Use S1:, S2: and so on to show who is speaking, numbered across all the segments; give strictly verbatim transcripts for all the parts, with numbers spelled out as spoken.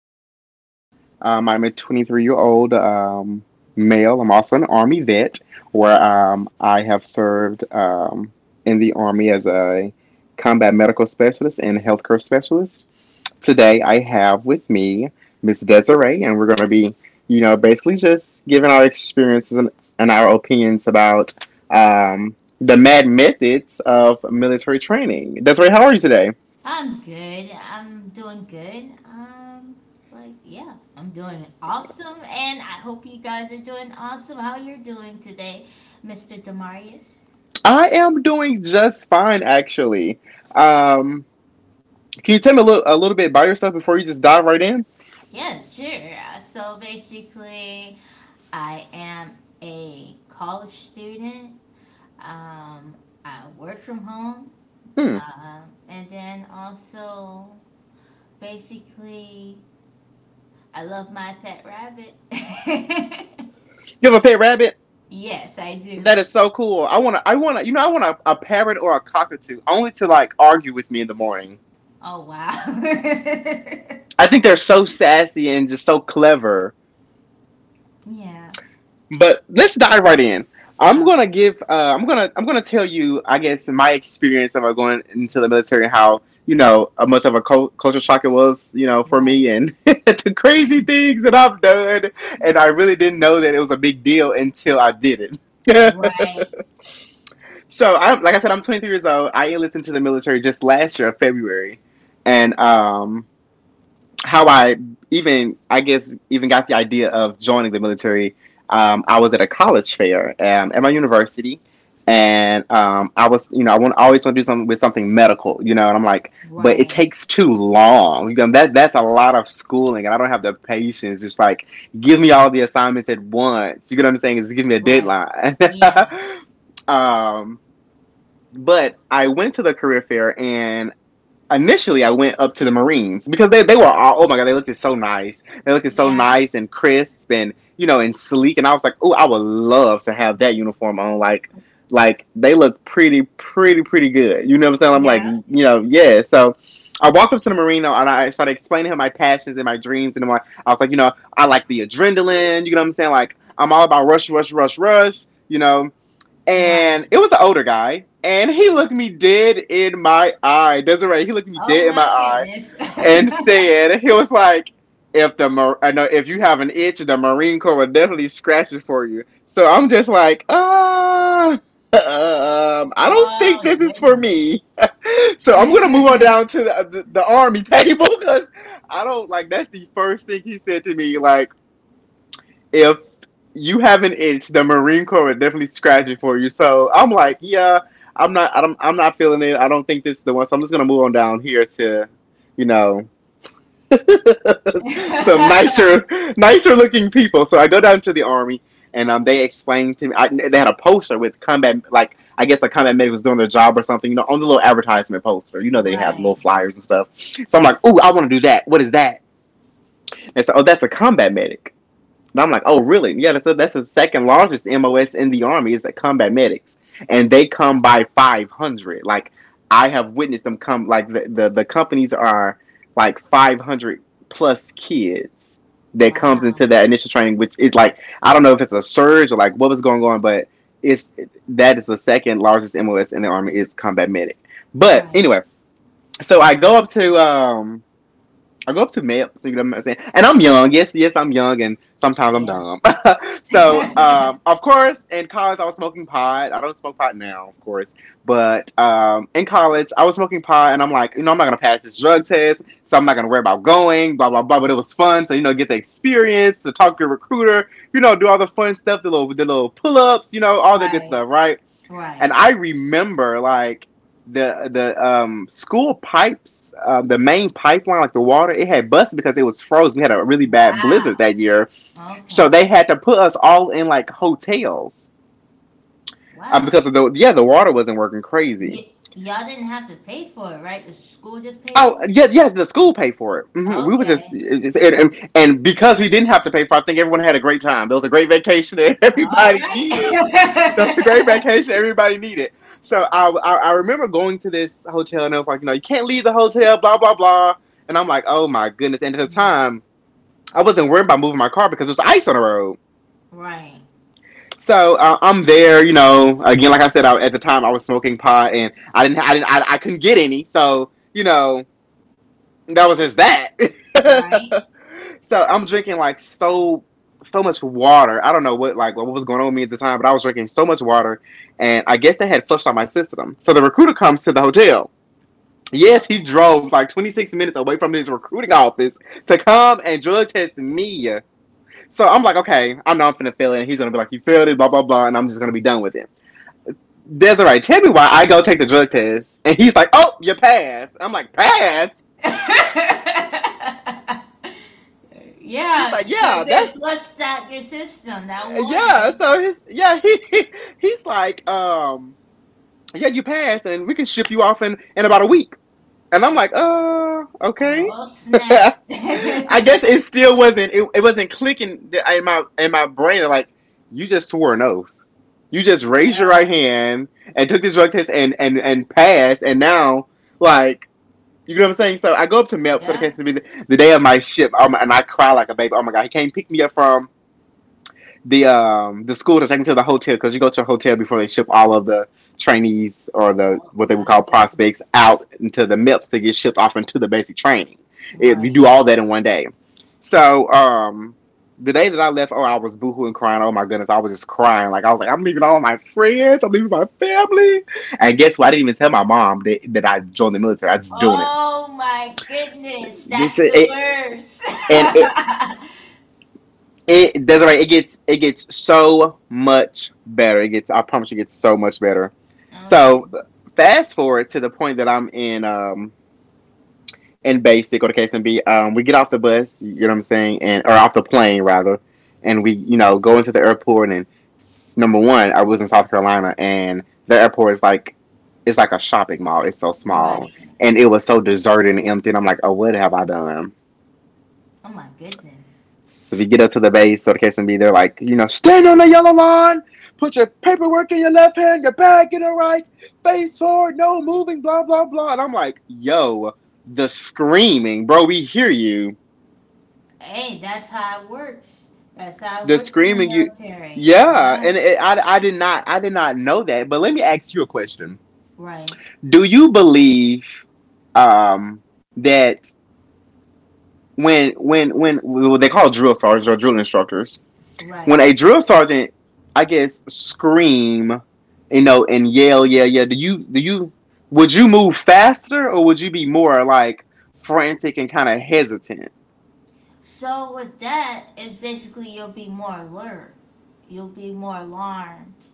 S1: Demarius. Um, I'm a twenty-three year old um, male. I'm also an Army vet, where um, I have served um, in the Army as a combat medical specialist and healthcare specialist. Today, I have with me Miss Desiree, and we're going to be, you know, basically just giving our experiences and, and our opinions about um, the mad methods of military training. Desiree, how are you today?
S2: I'm good. I'm doing good. Um, like, yeah, I'm doing awesome, and I hope you guys are doing awesome. How you're doing today, Mister Demarius?
S1: I am doing just fine, actually. Um, can you tell me a little, a little bit about yourself before you just dive right in?
S2: Yeah, sure. Uh, So basically, I am a college student. Um, I work from home,
S1: Hmm.
S2: um, and then also basically, I love my pet rabbit.
S1: You have a pet rabbit?
S2: Yes, I do.
S1: That is so cool. I wanna, I wanna, you know, I want a, a parrot or a cockatoo, only to like argue with me in the morning.
S2: Oh wow.
S1: I think they're so sassy and just so clever.
S2: Yeah.
S1: But let's dive right in. I'm gonna
S2: Okay.
S1: give. Uh, I'm gonna. I'm gonna tell you. I guess my experience of uh, going into the military and how you know uh, much of a cul- culture shock it was. You know, for
S2: Right.
S1: me and the crazy things that I've done, and I really didn't know that it was a big deal until I did it.
S2: Right.
S1: so, I, like I said, I'm twenty-three years old. I enlisted to the military just last year, February, and um, how I even I guess even got the idea of joining the military. Um, I was at a college fair um, at my university, and um, I was, you know, I want I always want to do something with something medical, you know, and I'm like, but it
S2: Right.
S1: takes too long. You know, that that's a lot of schooling, and I don't have the patience. Just like give me all the assignments at once. You get what I'm saying? Is give me a
S2: Right.
S1: deadline.
S2: Yeah.
S1: um, but I went to the career fair and initially I went up to the Marines because they, they were all, oh my god, they looked so nice. They looked so
S2: Yeah.
S1: nice and crisp and you know and sleek and I was like, oh, I would love to have that uniform on. Like like they look pretty, pretty, pretty good. You know what I'm saying? I'm like,
S2: Yeah.
S1: you know, yeah. So I walked up to the Marine, and I started explaining to him my passions and my dreams and my, I was like, you know, I like the adrenaline, you know what I'm saying? Like I'm all about rush, rush, rush, rush, you know,
S2: Right.
S1: and it was an older guy, and he looked me dead in my eye. Desiree, he looked me
S2: Oh
S1: dead in my
S2: my
S1: eye,
S2: goodness.
S1: and said, he was like, "If the Mar- I know if you have an itch, the Marine Corps will definitely scratch it for you." So I'm just like, ah. Um, I don't think
S2: Oh
S1: this is for
S2: goodness.
S1: me, so I'm gonna move on down to the, the, the army table because I don't, like, that's the first thing he said to me. Like, if you have an itch, the Marine Corps would definitely scratch it for you. So I'm like, yeah, I'm not, I don't, I'm not feeling it. I don't think this is the one. So I'm just gonna move on down here to, you know, some nicer, nicer looking people. So I go down to the army, and um, they explained to me. I, they had a poster with combat, like I guess a combat medic was doing their job or something. You know, on the little advertisement poster. You know, they have little
S2: Right.
S1: flyers and stuff. So I'm like, ooh, I want to do that. What is that? And so, oh, that's a combat medic. And I'm like, oh, really? Yeah, that's that's the second largest M O S in the Army is the combat medics. And they come by five hundred. Like, I have witnessed them come, like, the, the, the companies are like five hundred plus kids that comes
S2: Wow.
S1: into that initial training, which is like, I don't know if it's a surge or like what was going on, but it's that is the second largest M O S in the Army is combat medic. But
S2: Right.
S1: anyway, so I go up to, um, I go up to MAPS, you know what I'm saying? And I'm young, yes, yes, I'm young, and sometimes I'm
S2: Yeah.
S1: dumb. So, um, of course, in college, I was smoking pot. I don't smoke pot now, of course, but um, in college, I was smoking pot, and I'm like, you know, I'm not gonna pass this drug test, so I'm not gonna worry about going, blah blah blah. But it was fun to, you know, get the experience, to talk to your recruiter, you know, do all the fun stuff, the little the little pull ups, you know, all that good
S2: Right.
S1: stuff, right? And
S2: Right.
S1: I remember like the the um school pipes, uh, the main pipeline, like the water, it had busted because it was frozen. We had a really bad blizzard
S2: Wow.
S1: that year, so
S2: Okay.
S1: they had to put us all in like hotels um,
S2: Wow.
S1: because of the, yeah, the water wasn't working, crazy.
S2: Y y'all didn't have to pay for it, right? The school just paid
S1: Oh
S2: for
S1: yes,
S2: that?
S1: yes, the school paid for it. hmm We were just
S2: Okay.
S1: it- and, and because we didn't have to pay for it, I think everyone had a great time. It was a great vacation that
S2: All
S1: everybody needed. That was a great
S2: right.
S1: vacation everybody needed. So I, I I remember going to this hotel and it was like, you know, you can't leave the hotel, blah blah blah, and I'm like, oh my goodness, and at the
S2: Yes.
S1: time I wasn't worried about moving my car because there was ice on the road.
S2: Right.
S1: So uh, I'm there, you know. Again, like I said, I, at the time I was smoking pot, and I didn't, I didn't, I, I couldn't get any. So you know, that was just
S2: Right.
S1: that. so I'm drinking like so, so much water. I don't know what like what was going on with me at the time, but I was drinking so much water, and I guess they had flushed out my system. So the recruiter comes to the hotel. Yes, he
S2: Uh-oh.
S1: drove like twenty-six minutes away from his recruiting office to come and drug test me. So I'm like, okay, I know I'm finna fail it. And he's gonna be like, you failed it, blah blah blah, and I'm just gonna be done with it. Desiree, tell me why I go take the drug test. And he's like, oh, you passed. I'm like, pass? He's
S2: Yeah,
S1: like,
S2: because
S1: yeah,
S2: it
S1: that's,
S2: flushed out your system, that
S1: yeah.
S2: water.
S1: So he's, yeah, he, he- he's like, um, yeah, you passed and we can ship you off in, in about a week. And I'm like, uh, okay.
S2: Oh, snap.
S1: I
S2: Yeah,
S1: guess it still wasn't, it, it wasn't clicking in my, in my brain. Like, you just swore an oath. You just raised your right hand and took the drug test and, and, and passed. And now, like, you know what I'm saying? So I go up to Melp, so the
S2: yeah.
S1: case to be the, the day of my ship, um, and I cry like a baby. Oh my god, he came pick me up from the um the school to take me to the hotel because you go to a hotel before they ship all of the trainees or the
S2: Oh,
S1: what they would
S2: my
S1: call prospects
S2: goodness.
S1: out into the M E Ps to get shipped off into the basic training. It, you
S2: Right.
S1: do all that in one day. So um the day that I left, oh I was boohooing crying. Oh my goodness, I was just crying. Like I was like, I'm leaving all my friends, I'm leaving my family. And guess what? I didn't even tell my mom that, that I joined the military. I just doing it.
S2: Oh, my goodness. That's
S1: This is
S2: the
S1: it,
S2: worst.
S1: and it it Desiree. It gets it gets so much better. It gets. I promise you, it gets so much better.
S2: Okay.
S1: So fast forward to the point that I'm in um in basic or the case and be, um we get off the bus. You know what I'm saying, and or off the plane rather, and we, you know, go into the airport. And number one, I was in South Carolina, and the airport is like. It's like a shopping mall. It's so small,
S2: Right.
S1: and it was so deserted and empty. And I'm like, "Oh, what have I done?"
S2: Oh, my goodness.
S1: So we get up to the base so the case and be, they're like, you know, stand on the yellow line, put your paperwork in your left hand, your bag in the right, face forward, no moving, blah, blah, blah. And I'm like, yo, the screaming, bro, we hear you.
S2: Hey, that's how it works. That's how it
S1: The
S2: works in the
S1: screaming, you,
S2: military.
S1: yeah.
S2: Yeah,
S1: And it, I, I did not, I did not know that. But let me ask you a question.
S2: right,
S1: Do you believe, um, that when, when, when well, they call drill sergeants or drill instructors, when
S2: right.
S1: a drill sergeant, I guess, scream, you know, and yell, yeah, yeah. Do you do you would you move faster or would you be more like frantic and kind of hesitant?
S2: So with that, it's basically you'll be more alert. You'll be more alarmed.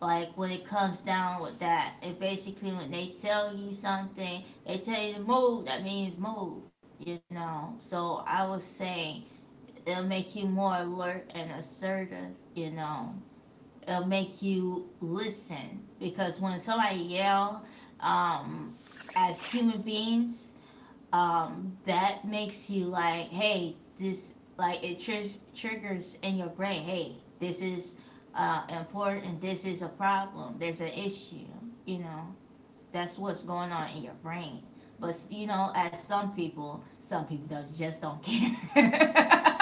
S2: Like when it comes down with that, it basically when they tell you something, they tell you to move. That means move. You know. So I would say it'll make you more alert and assertive. You know. It'll make you listen, because when somebody yell, um, as human beings, um, that makes you like, hey, this, like it tr- triggers in your brain, hey, this is uh, important, this is a problem, there's an issue, you know, that's what's going on in your brain. But you know, as some people some people don't, just don't care.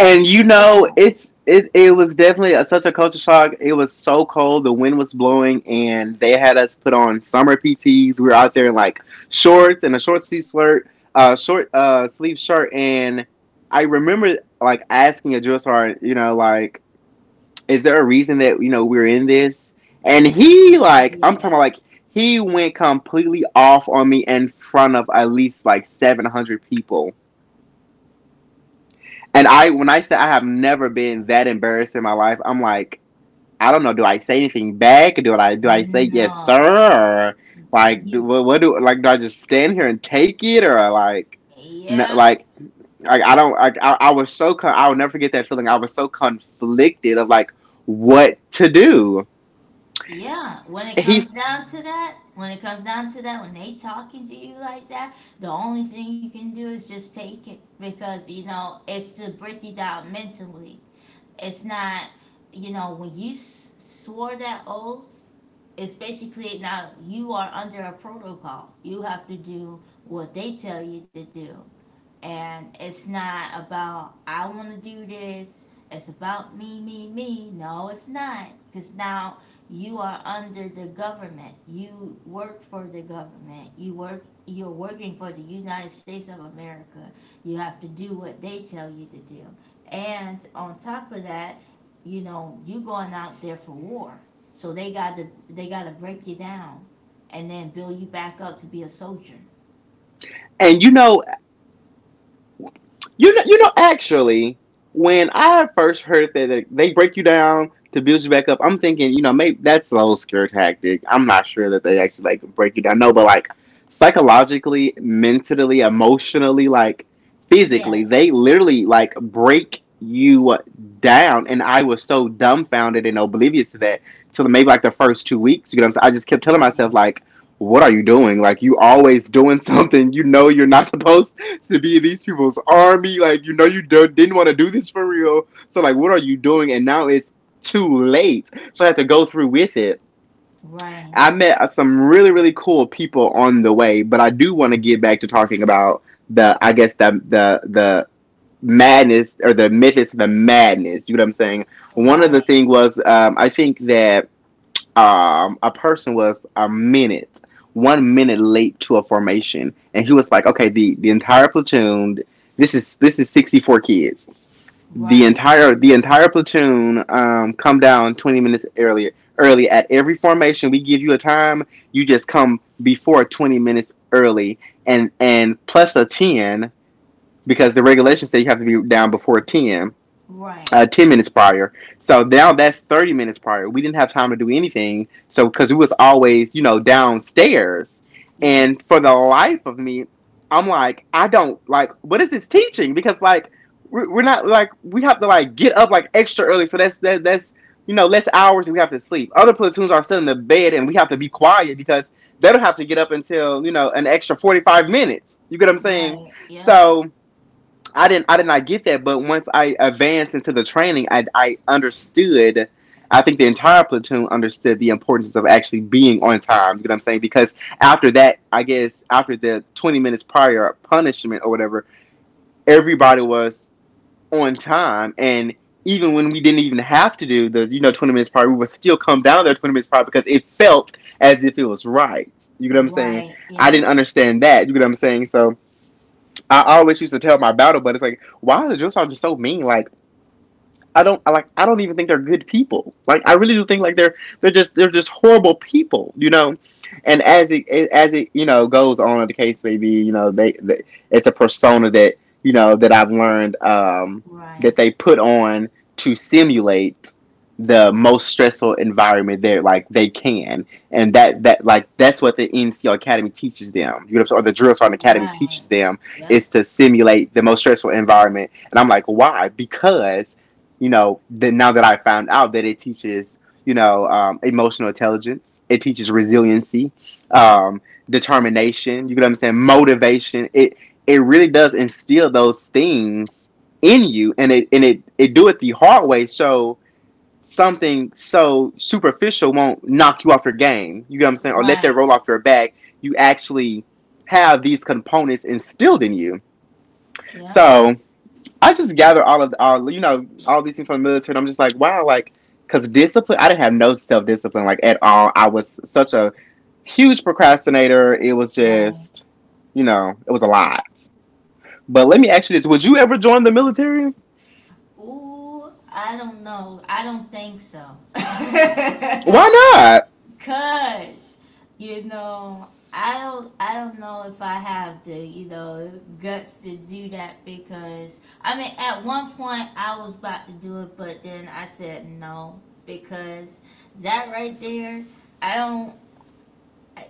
S1: And you
S2: But
S1: know,
S2: yeah.
S1: it's it it was definitely a, such a culture shock. It was so cold, the wind was blowing, and they had us put on summer P Ts. We were out there in like shorts and a short sleeve shirt, uh, short uh sleeve shirt, and I remember like asking a drill sergeant, you know, like is there a reason that you know we're in this, and he like I'm talking about like he
S2: Yes.
S1: went completely off on me in front of at least like seven hundred people. And I, when I said, I have never been that embarrassed in my life. I'm like, I don't know, do I say anything back, do i do i say yes
S2: No.
S1: sir, or like do,
S2: Ye-
S1: what, do like do I just stand here and take it, or like no,
S2: Yeah,
S1: like like I don't like I, I was so con- I will never forget that feeling. I was so conflicted of like what to do.
S2: yeah. When it
S1: He's
S2: comes down to that, when it comes down to that, when they talking to you like that, the only thing you can do is just take it, because you know it's to break you down mentally. It's not, you know, when you s- swore that oath, it's basically now you are under a protocol. You have to do what they tell you to do. And it's not about, I want to do this. It's about me, me, me. No, it's not. Because now you are under the government. You work for the government. You work, you're working for the United States of America. You have to do what they tell you to do. And on top of that, you know, you going out there for war. So they got to, they got to break you down and then build you back up to be a soldier.
S1: And you know, you know, you know. Actually, when I first heard that they break you down to build you back up, I'm thinking, you know, maybe that's the whole scare tactic. I'm not sure that they actually like break you down. No, but like psychologically, mentally, emotionally, like physically, they
S2: Yes.
S1: literally like break you down. And I was so dumbfounded and oblivious to that till maybe like the first two weeks. You know what I'm saying? I just kept telling myself
S2: Right.
S1: like, what are you doing? Like you always doing something you know you're not supposed to be in these people's army. Like, you know, you don't, didn't want to do this for real. So, like, what are you doing? And now it's too late. So I had to go through with it.
S2: Right.
S1: I met uh, some really, really cool people on the way, but I do want to get back to talking about the, I guess, the, the, the, madness or the myth is the madness, you know what I'm saying. One of the
S2: Right,
S1: thing was um, I think that um, a person was a minute, one minute late to a formation, and he was like, "Okay, the the entire platoon. This is this is sixty four kids. The
S2: right,
S1: entire the entire platoon um, come down twenty minutes earlier. Early at every formation, we give you a time. You just come before twenty minutes early, and and plus a ten, because the regulations say you have to be down before ten
S2: right.
S1: uh, ten minutes prior. So now that's thirty minutes prior. We didn't have time to do anything. So, because we was always, you know, downstairs. And
S2: Yep,
S1: for the life of me, I'm like, I don't like, what is this teaching? Because like, we're, we're not like, we have to like get up like extra early. So that's, that, that's, you know, less hours and we have to sleep. Other platoons are still in the bed and we have to be quiet because they don't have to get up until, you know, an extra forty-five minutes. You get what I'm saying?
S2: right, yep,
S1: So, I didn't I did not get that, but once I advanced into the training, I I understood. I think the entire platoon understood the importance of actually being on time. You know what I'm saying? Because after that, I guess after the twenty minutes prior punishment or whatever, everybody was on time, and even when we didn't even have to do the you know twenty minutes prior, we would still come down there twenty minutes prior because it felt as if it was right. You know what I'm saying?
S2: right,
S1: I didn't
S2: yep,
S1: understand that. You know what I'm saying? So. I always used to tell my battle buddies like, why is Joe just so mean? Like I don't I like I don't even think they're good people. Like I really do think like they're they're just they're just horrible people, you know. And as it as it you know goes on in the case, maybe you know they, they it's a persona that you know that I've learned, um, that
S2: right,
S1: they put on to simulate the most stressful environment there like they can, and that that like that's what the N C O Academy teaches them, you know, or the drill sergeant academy teaches
S2: right,
S1: them,
S2: yep,
S1: is to simulate the most stressful environment. And I'm like, why? Because you know, that now that I found out that it teaches, you know, um, emotional intelligence, it teaches resiliency, um, determination. You can understand motivation. It it really does instill those things in you, and it and it it do it the hard way. So something so superficial won't knock you off your game. You get what I'm saying, or let that
S2: right,
S1: roll off your back. You actually have these components instilled in you.
S2: yep,
S1: So I just gather all of the, all you know all these things from the military. And I'm just like, wow, like because discipline. I didn't have no self discipline like at all. I was such a huge procrastinator. It was
S2: right.
S1: just, you know, it was a lot. But let me ask you this: would you ever join the military?
S2: Ooh, I don't know. I don't think so.
S1: Why
S2: Cause you know, I don't I don't know if I have the, you know, guts to do that, because I mean at one point I was about to do it, but then I said no, because that right there, I don't,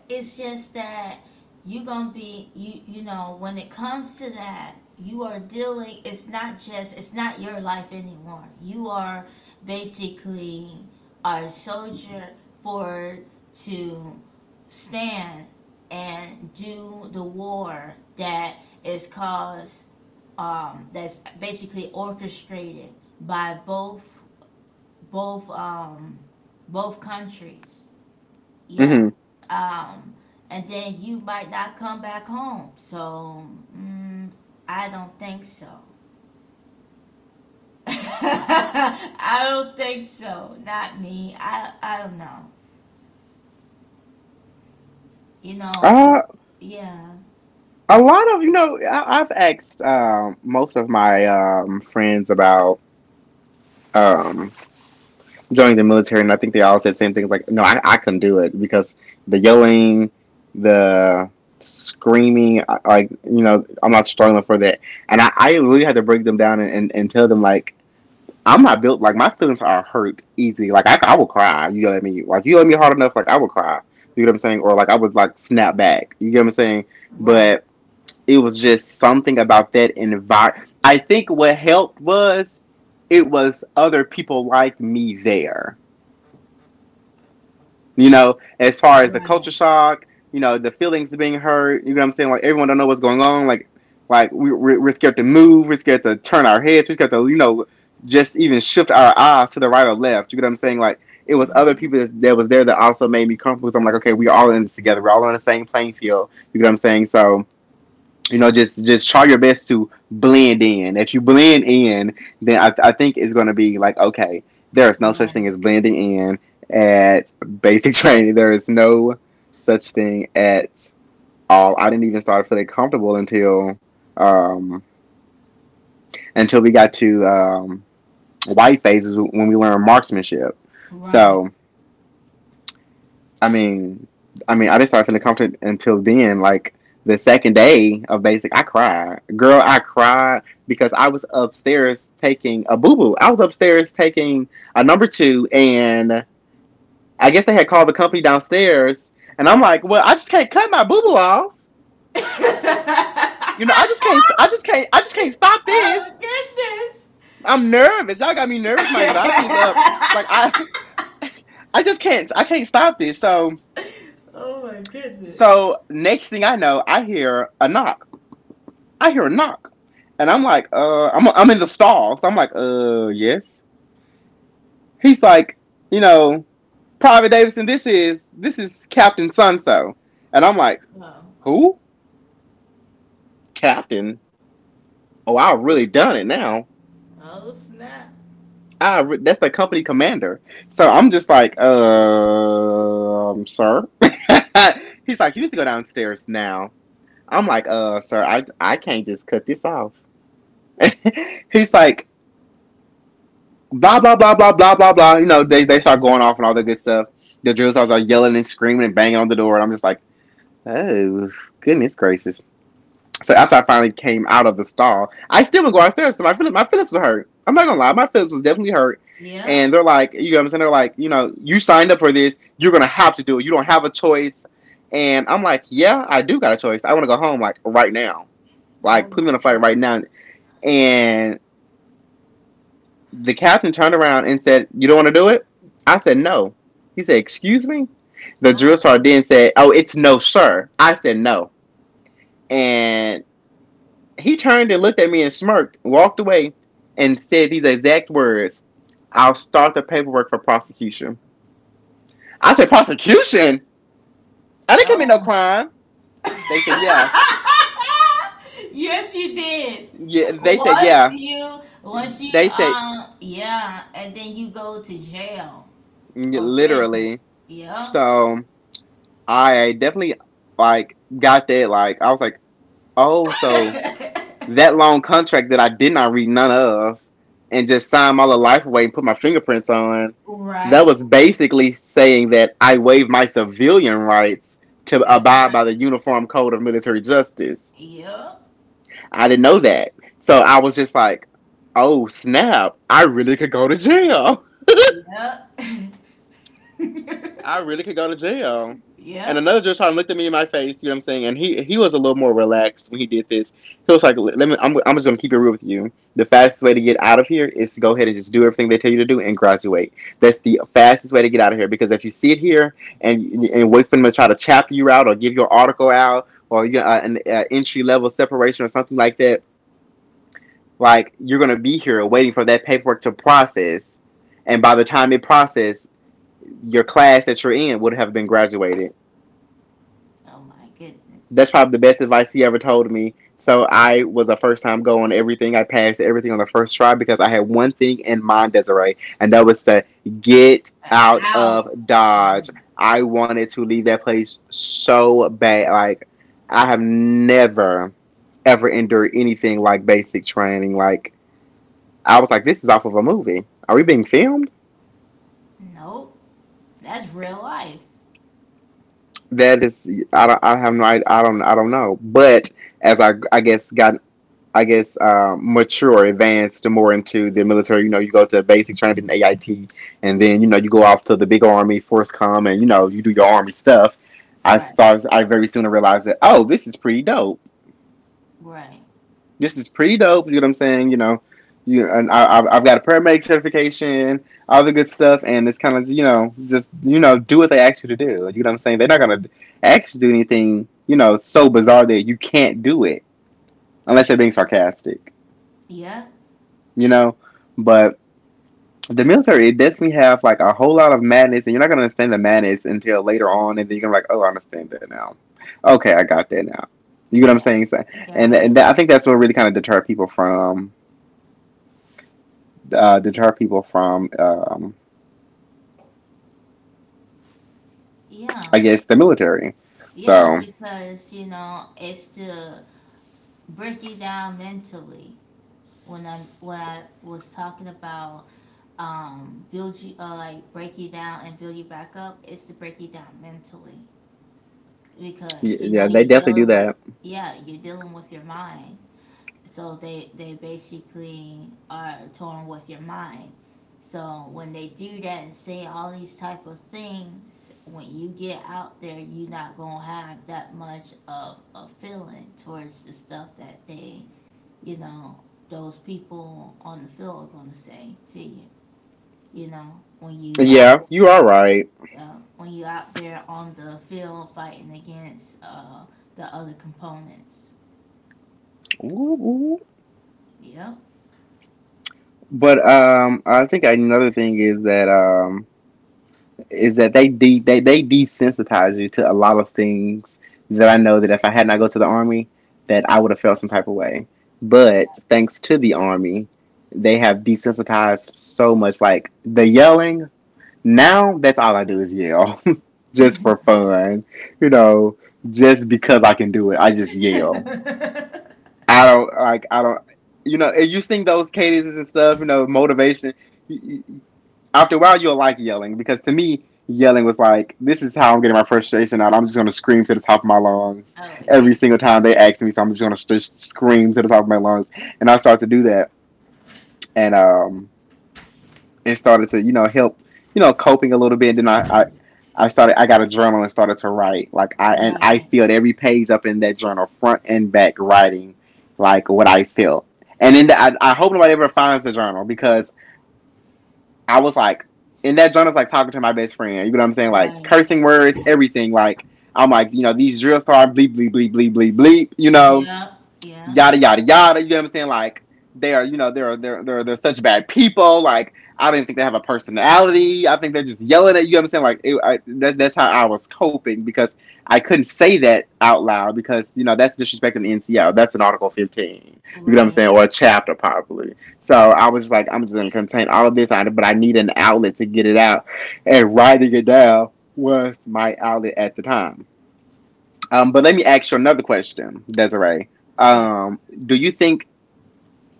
S2: it's just that you're gonna be, you you know, when it comes to that, you are dealing, it's not just, it's not your life anymore, you are basically a soldier for to stand and do the war that is caused, um, that's basically orchestrated by both both um, both countries,
S1: not?
S2: yeah.
S1: Hmm.
S2: Um, and then you might not come back home. So, mm, I don't think so. I don't think so. Not me. I I don't know. You know, cause
S1: Uh,
S2: yeah.
S1: a lot of you know, I, I've asked um, most of my um, friends about um, joining the military, and I think they all said the same things like, no, I, I couldn't do it because the yelling, the screaming, like, you know, I'm not strong enough for that. And I, I really had to break them down and, and, and tell them, like, I'm not built, like, my feelings are hurt easy. Like, I, I will cry. You yell at me. Like, you yell at me hard enough, like, I will cry. You get what I'm saying? Or, like, I would, like, snap back. You get what I'm saying?
S2: Right.
S1: But it was just something about that environment. I think what helped was it was other people like me there, you know, as far as the
S2: Right.
S1: culture shock, you know, the feelings being hurt. You know what I'm saying? Like everyone don't know what's going on. Like, like we we're, we're scared to move. We're scared to turn our heads. We're scared to you know just even shift our eyes to the right or left. You know what I'm saying? Like it was other
S2: Hmm.
S1: people that, that was there that also made me comfortable. So I'm like, okay, we're all in this together. We're all on the same playing field. You know what I'm saying? So you know, just just try your best to blend in. If you blend in, then I, I think it's going to be like okay, there is no such
S2: Right.
S1: thing as blending in at basic training. There is no such thing at all. I didn't even start feeling comfortable until um, until we got to um, white phases when we learned marksmanship.
S2: Right.
S1: So I mean, I mean, I didn't start feeling comfortable until then. Like the second day of basic, I cried, girl. I cried because I was upstairs taking a boo boo. I was upstairs taking a number two, and I guess they had called the company downstairs, and I'm like, well, I just can't cut my boo boo off. You know, I just can't. I just can't. I just can't stop this.
S2: Oh goodness.
S1: I'm nervous. Y'all got me nervous. My anxiety is up. Like I, I just can't. I can't stop this. So,
S2: Oh my goodness.
S1: so next thing I know, I hear a knock. I hear a knock. And I'm like, uh, I'm, I'm in the stall. So I'm like, uh, yes. He's like, you know, Private Davidson, this is, this is Captain So. And I'm like,
S2: Oh,
S1: who? Captain? Oh, I really done it now.
S2: oh snap.
S1: I, re- that's the company commander. So I'm just like, uh, um, sir. He's like, you need to go downstairs now. I'm like, uh, sir, I, I can't just cut this off. He's like, blah blah blah blah blah blah blah. You know, they they start going off and all that good stuff. The drill stars are yelling and screaming and banging on the door, and I'm just like, oh goodness gracious. So after I finally came out of the stall, I still would go upstairs. So my feelings, my feelings were hurt. I'm not gonna lie, my feelings was definitely hurt.
S2: Yeah.
S1: And they're like, you know what I'm saying? They're like, you know, you signed up for this. You're gonna have to do it. You don't have a choice. And I'm like, yeah, I do got a choice. I want to go home like right now.
S2: Oh
S1: Like put me on
S2: my
S1: a flight right now.
S2: goodness.
S1: And The captain turned around and said, "You don't want to do it?" I said, "No." He said, "Excuse me?" The
S2: Oh my
S1: drill sergeant
S2: goodness.
S1: then said, "Oh, it's 'no, sir.'" I said, "No." And he turned and looked at me and smirked, walked away, and said these exact words: "I'll start the paperwork for prosecution." I said, "Prosecution? I
S2: Go
S1: didn't commit no
S2: on.
S1: crime." They said, "Yeah."
S2: Yes, you did.
S1: Yeah. They said,
S2: Once
S1: "Yeah."
S2: you, once you,
S1: They said,
S2: um, yeah, and then you go to jail
S1: yeah,
S2: or prison.
S1: literally.
S2: Yeah.
S1: So I definitely like got that. Like, I was like, oh, so that long contract that I did not read none of and just signed my little life away and put my fingerprints on, that
S2: Right.
S1: was basically saying that I waived my civilian rights to
S2: That's
S1: abide by
S2: right.
S1: the Uniform Code of Military Justice.
S2: Yep.
S1: I didn't know that. So I was just like, oh snap, I really could go to jail.
S2: Yep.
S1: I really could go to jail. And
S2: Yep.
S1: another judge tried to looked at me in my face, you know what I'm saying? And he he was a little more relaxed when he did this. He was like, "Let me. I'm, I'm just gonna keep it real with you. The fastest way to get out of here is to go ahead and just do everything they tell you to do and graduate. That's the fastest way to get out of here. Because if you sit here and and wait for them to try to chapter you out or give your article out or you know, uh, an uh, entry level separation or something like that, like you're gonna be here waiting for that paperwork to process. And by the time it processes your class that you're in would have been graduated."
S2: Oh my
S1: That's
S2: goodness.
S1: probably the best advice he ever told me. So I was a first time go on everything. I passed everything on the first try because I had one thing in mind, Desiree, and that was to get
S2: Uh,
S1: out of
S2: Out. Right.
S1: Dodge. I wanted to leave that place so bad. Like I have never ever endured anything like basic training. Like I was like, this is off of a movie. Are we being filmed?
S2: Nope. That's real life.
S1: That is, I don't, I have no, I, don't, I don't know. But as I, I guess got, I guess um, mature, advanced more into the military. You know, you go to basic training, A I T, and then you know you go off to the big army, force com, and you know you do your army stuff. I
S2: Right,
S1: start, I very soon realized that oh, this is pretty dope,
S2: right.
S1: this is pretty dope. You know what I'm saying? You know, you and I, I've- got a paramedic certification, all the good stuff, and it's kind of you know just you know do what they ask you to do. Like, you know what I'm saying? They're not gonna ask you to do anything you know so bizarre that you can't do it unless they're being sarcastic.
S2: Yeah,
S1: You know, but the military it definitely have like a whole lot of madness, and you're not gonna understand the madness until later on, and then you're gonna be like, oh, I understand that now. Okay, I got that now. You know what I'm
S2: yeah,
S1: saying? So— And,
S2: right.
S1: and I think that's what really kind of deter people from uh, deter people from, um, I
S2: Yeah,
S1: guess, the military.
S2: yeah,
S1: So
S2: because you know, it's to break you down mentally. When I when I was talking about um build you, uh, like break you down and build you back up, it's to break you down mentally, because you know
S1: yeah, they
S2: you're
S1: definitely do
S2: dealing with,
S1: that.
S2: yeah, you're dealing with your mind. So they they basically are torn with your mind. So when they do that and say all these type of things, when you get out there, you're not gonna have that much of a feeling towards the stuff that they, you know, those people on the field are gonna say to you. You know, when you out
S1: Yeah, you are
S2: there,
S1: right.
S2: uh, when you out there on the field fighting against uh, the other components.
S1: Ooh, ooh.
S2: Yep.
S1: But um, I think another thing is that um, is that they de- they they desensitize you to a lot of things that I know that if I had not go to the army, that I would have felt some type of way. But thanks to the army, they have desensitized so much. Like the yelling, now that's all I do is yell, just for fun. You know, just because I can do it, I just yell. I don't like I don't. You know, and you sing those cadences and stuff. You know, motivation. After a while, you'll like yelling because to me, yelling was like this is how I'm getting my frustration out. I'm just gonna scream to the top of my lungs
S2: Oh,
S1: every
S2: good.
S1: single time they ask me. So I'm just gonna st- scream to the top of my lungs, and I start to do that. And um, and started to you know help you know coping a little bit. Then I, I I started I got a journal and started to write like I and I
S2: Right,
S1: filled every page up in that journal front and back writing like what I felt. And then the, I, I hope nobody ever finds the journal because I was like in that journal, journal's like talking to my best friend. You know what I'm saying? Like
S2: right.
S1: cursing words, everything. Like I'm like you know these drills start bleep bleep bleep bleep bleep bleep. You know
S2: Yeah, yeah,
S1: yada yada yada. You know what I'm saying? Like they are, you know, they're they're they're they're such bad people. Like I don't even think they have a personality. I think they're just yelling at you. You know what I'm saying, like it, I, that, that's how I was coping because I couldn't say that out loud because you know that's disrespecting the N C L. That's an Article fifteen. You know what I'm
S2: right.
S1: saying, or a chapter probably. So I was just like, I'm just gonna contain all of this, but I need an outlet to get it out, and writing it down was my outlet at the time. Um, but let me ask you another question, Desiree.
S2: Yes.
S1: Um, do you think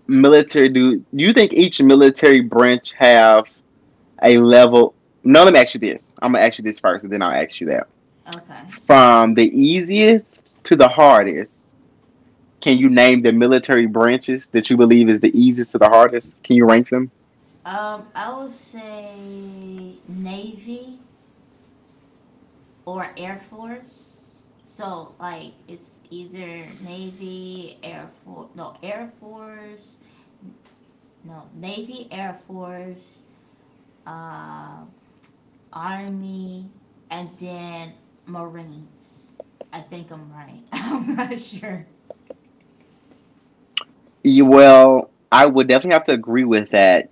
S1: military do you think each military branch have a level? No, let me ask you this. I'm gonna ask you this first, and then I'll ask you that.
S2: Okay.
S1: From the easiest to the hardest, can you name the military branches that you believe is the easiest to the hardest? Can you rank them?
S2: Um, I would say Navy or Air Force. So like it's either Navy, Air Force, no Air Force, no Navy, Air Force, uh, Army, and then Marines. I think I'm right. I'm not sure.
S1: You, well, I would definitely have to agree with that.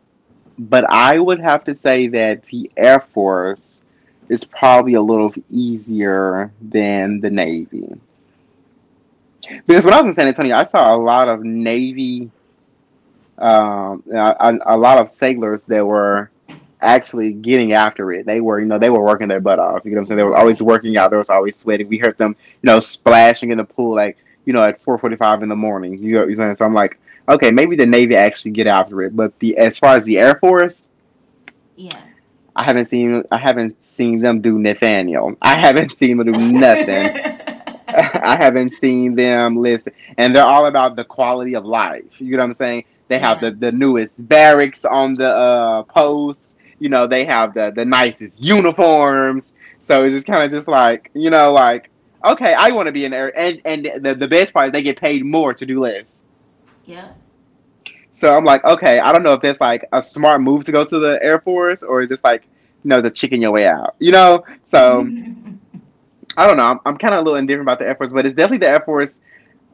S1: But I would have to say that the Air Force is probably a little easier than the Navy. Because when I was in San Antonio, I saw a lot of Navy, um, a, a lot of sailors that were actually getting after it. They were, you know, they were working their butt off. You know what I'm saying? They were always
S2: Right.
S1: working out. They was always sweating. We heard them, you know, splashing in the pool like, you know, at four forty-five in the morning. You know what I'm saying? So I'm like, okay, maybe the Navy actually get after it. But the as far as the Air Force,
S2: Yeah.
S1: I haven't seen I haven't seen them do Nathaniel. I haven't seen them do nothing. I haven't seen them list, and they're all about the quality of life. You know what I'm saying? They have
S2: Yeah.
S1: the, the newest barracks on the uh post, you know, they have the the nicest uniforms. So it's just kind of just like, you know, like okay, I want to be an air, and and the, the best part is they get paid more to do less.
S2: Yep.
S1: So I'm like, okay, I don't know if that's like a smart move to go to the Air Force or is this like, you know, the chicken your way out, you know? So I don't know. I'm, I'm kind of a little indifferent about the Air Force, but it's definitely the Air Force,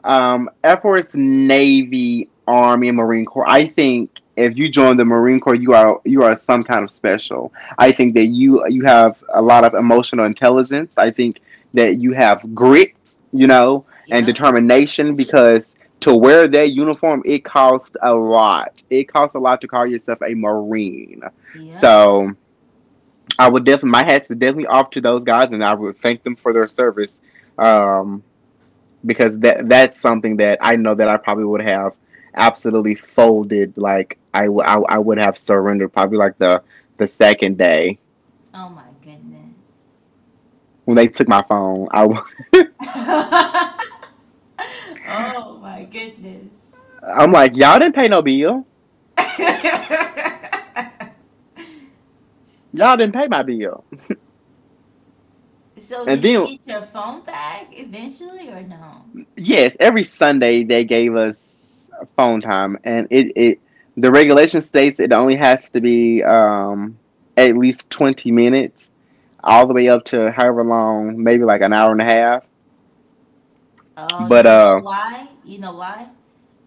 S1: um, Air Force, Navy, Army, and Marine Corps. I think if you join the Marine Corps, you are you are some kind of special. I think that you you have a lot of emotional intelligence. I think that you have grit, you know, and
S2: Yep.
S1: determination because to wear that uniform it costs a lot. It costs a lot to call yourself a Marine.
S2: Yep.
S1: So I would definitely, my hats are definitely off to those guys, and I would thank them for their service. Um, because that that's something that I know that I probably would have absolutely folded. Like I, w- I, I would have surrendered probably like the the second day
S2: Oh my goodness.
S1: when they took my phone. I w-
S2: Oh my goodness.
S1: I'm like y'all didn't pay no bill. Y'all didn't pay my bill.
S2: So did
S1: And
S2: you
S1: then
S2: get your phone back eventually or no?
S1: yes, every Sunday they gave us phone time, and it it the regulation states it only has to be um at least twenty minutes, all the way up to however long, maybe like an hour and a half.
S2: Oh,
S1: But
S2: you know
S1: uh
S2: why? You know why?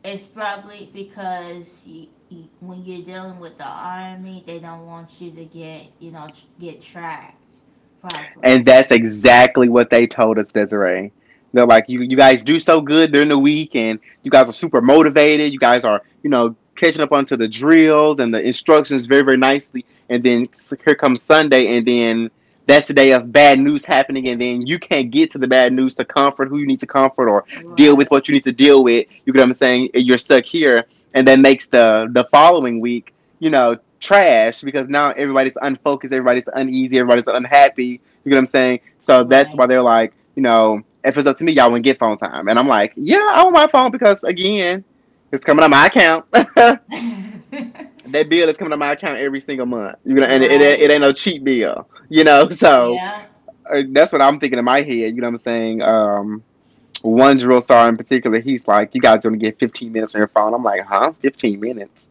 S2: It's probably because you, you, when you're dealing with the army, they don't want you to get, you know, tr- get tracked properly.
S1: and that's exactly what they told us, Desiree. They're like, you, you guys do so good during the week, and you guys are super motivated. You guys are, you know, catching up onto the drills and the instructions very, very nicely. And then here comes Sunday, and then that's the day of bad news happening. And then you can't get to the bad news to comfort who you need to comfort or deal
S2: Right,
S1: with what you need to deal with. You get what I'm saying? You're stuck here, and that makes the the following week, you know, trash because now everybody's unfocused, everybody's uneasy, everybody's unhappy. You get what I'm saying? So that's
S2: right.
S1: why they're like, you know, if it's up to me, y'all wouldn't get phone time. And I'm like, yeah, I want my phone because again, it's coming out my account. That bill is coming out my account every single month. You know, and it, it,
S2: Right,
S1: it ain't no cheap bill. You know, so
S2: yeah.
S1: uh, that's what I'm thinking in my head. You know what I'm saying? Um, one drill star in particular, he's like, you guys only get fifteen minutes on your phone. I'm like, huh? fifteen minutes?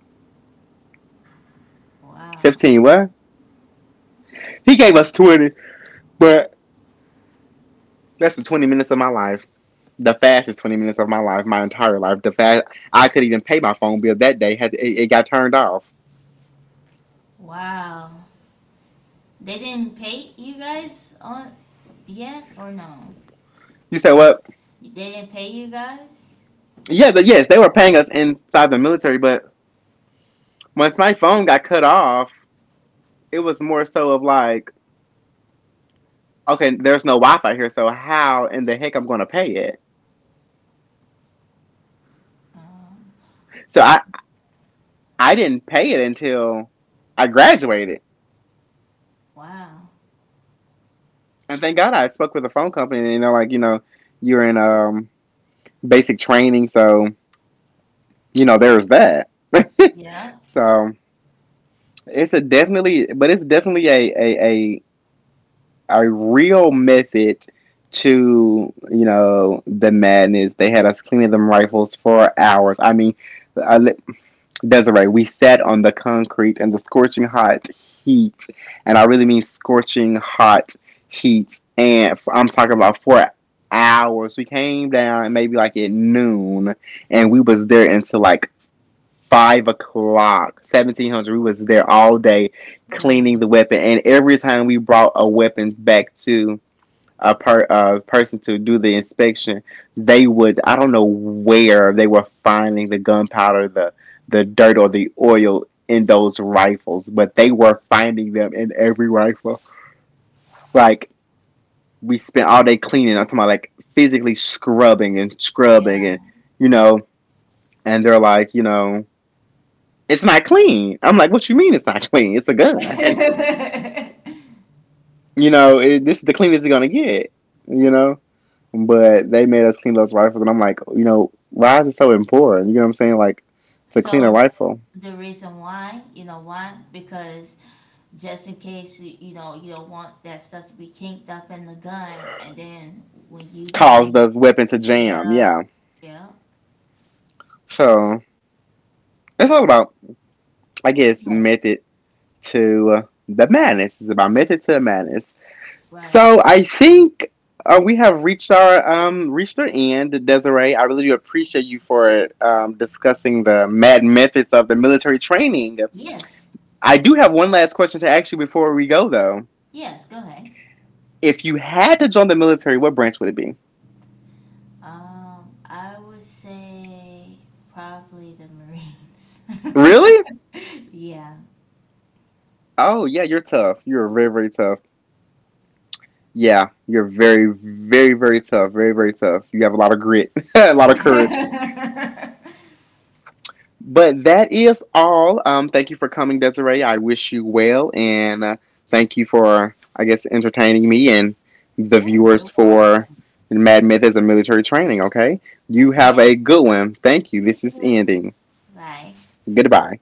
S2: Wow,
S1: fifteen what? He gave us twenty, but that's the twenty minutes of my life, the fastest twenty minutes of my life, my entire life. The fast I could even pay my phone bill that day. Had it, it got turned off.
S2: wow. They didn't pay you guys on yet or no?
S1: You said what?
S2: They didn't pay you guys?
S1: Yeah, the, yes, they were paying us inside the military, but once my phone got cut off, it was more so of like, okay, there's no Wi-Fi here, so how in the heck I'm going to pay it?
S2: Um,
S1: So I I didn't pay it until I graduated,
S2: wow.
S1: and thank God I spoke with a phone company. And you know, like you know, you're in um basic training, so you know there's that.
S2: Yeah,
S1: So It's a definitely, but it's definitely a a a, a real method to you know the madness. They had us cleaning them rifles for hours. I mean, I, li- Desiree, we sat on the concrete in the scorching hot heat, and I really mean scorching hot heat. And f- I'm talking about four hours. We came down maybe like at noon, and we was there until like five o'clock, seventeen hundred. We was there all day
S2: right.
S1: cleaning the weapon, and every time we brought a weapon back to a per a person to do the inspection. They would I don't know where they were finding the gunpowder, the the dirt or the oil in those rifles, but they were finding them in every rifle. Like we spent all day cleaning. I'm talking about like physically scrubbing and scrubbing,
S2: Yeah.
S1: and you know, and they're like, you know, it's not clean. I'm like, what you mean it's not clean? It's a gun. You know, it, this is the cleanest it's gonna get. You know, but they made us clean those rifles, and I'm like, you know, why is it so important? You know what I'm saying? Like, to clean a
S2: So
S1: rifle,
S2: the reason why, you know why? Because just in case you, you know, you don't want that stuff to be kinked up in the gun, and then when you go
S1: cause
S2: on,
S1: the weapon to jam.
S2: yeah,
S1: Yeah.
S2: yeah,
S1: So it's all about, I guess,
S2: yes,
S1: method to uh, the madness. It's about method to the madness.
S2: right,
S1: So I think uh, we have reached our um reached our end, Desiree. I really do appreciate you for um, discussing the mad methods of the military training.
S2: yes,
S1: I do have one last question to ask you before we go, though.
S2: yes. Go ahead.
S1: If you had to join the military, what branch would it be?
S2: Um, I would say probably the Marines.
S1: Really?
S2: Yeah.
S1: Oh yeah, you're tough. You're very very tough. Yeah, you're very very very tough. Very very tough. You have a lot of grit, a lot of courage. But that is all. Um, thank you for coming, Desiree. I wish you well, and uh, thank you for, I guess, entertaining me and the
S2: Yeah, you're
S1: viewers for
S2: welcome.
S1: Mad Myth as a military training. Okay, you have
S2: Okay,
S1: a good one. Thank you.
S2: you
S1: This is
S2: too.
S1: ending.
S2: Bye.
S1: Goodbye.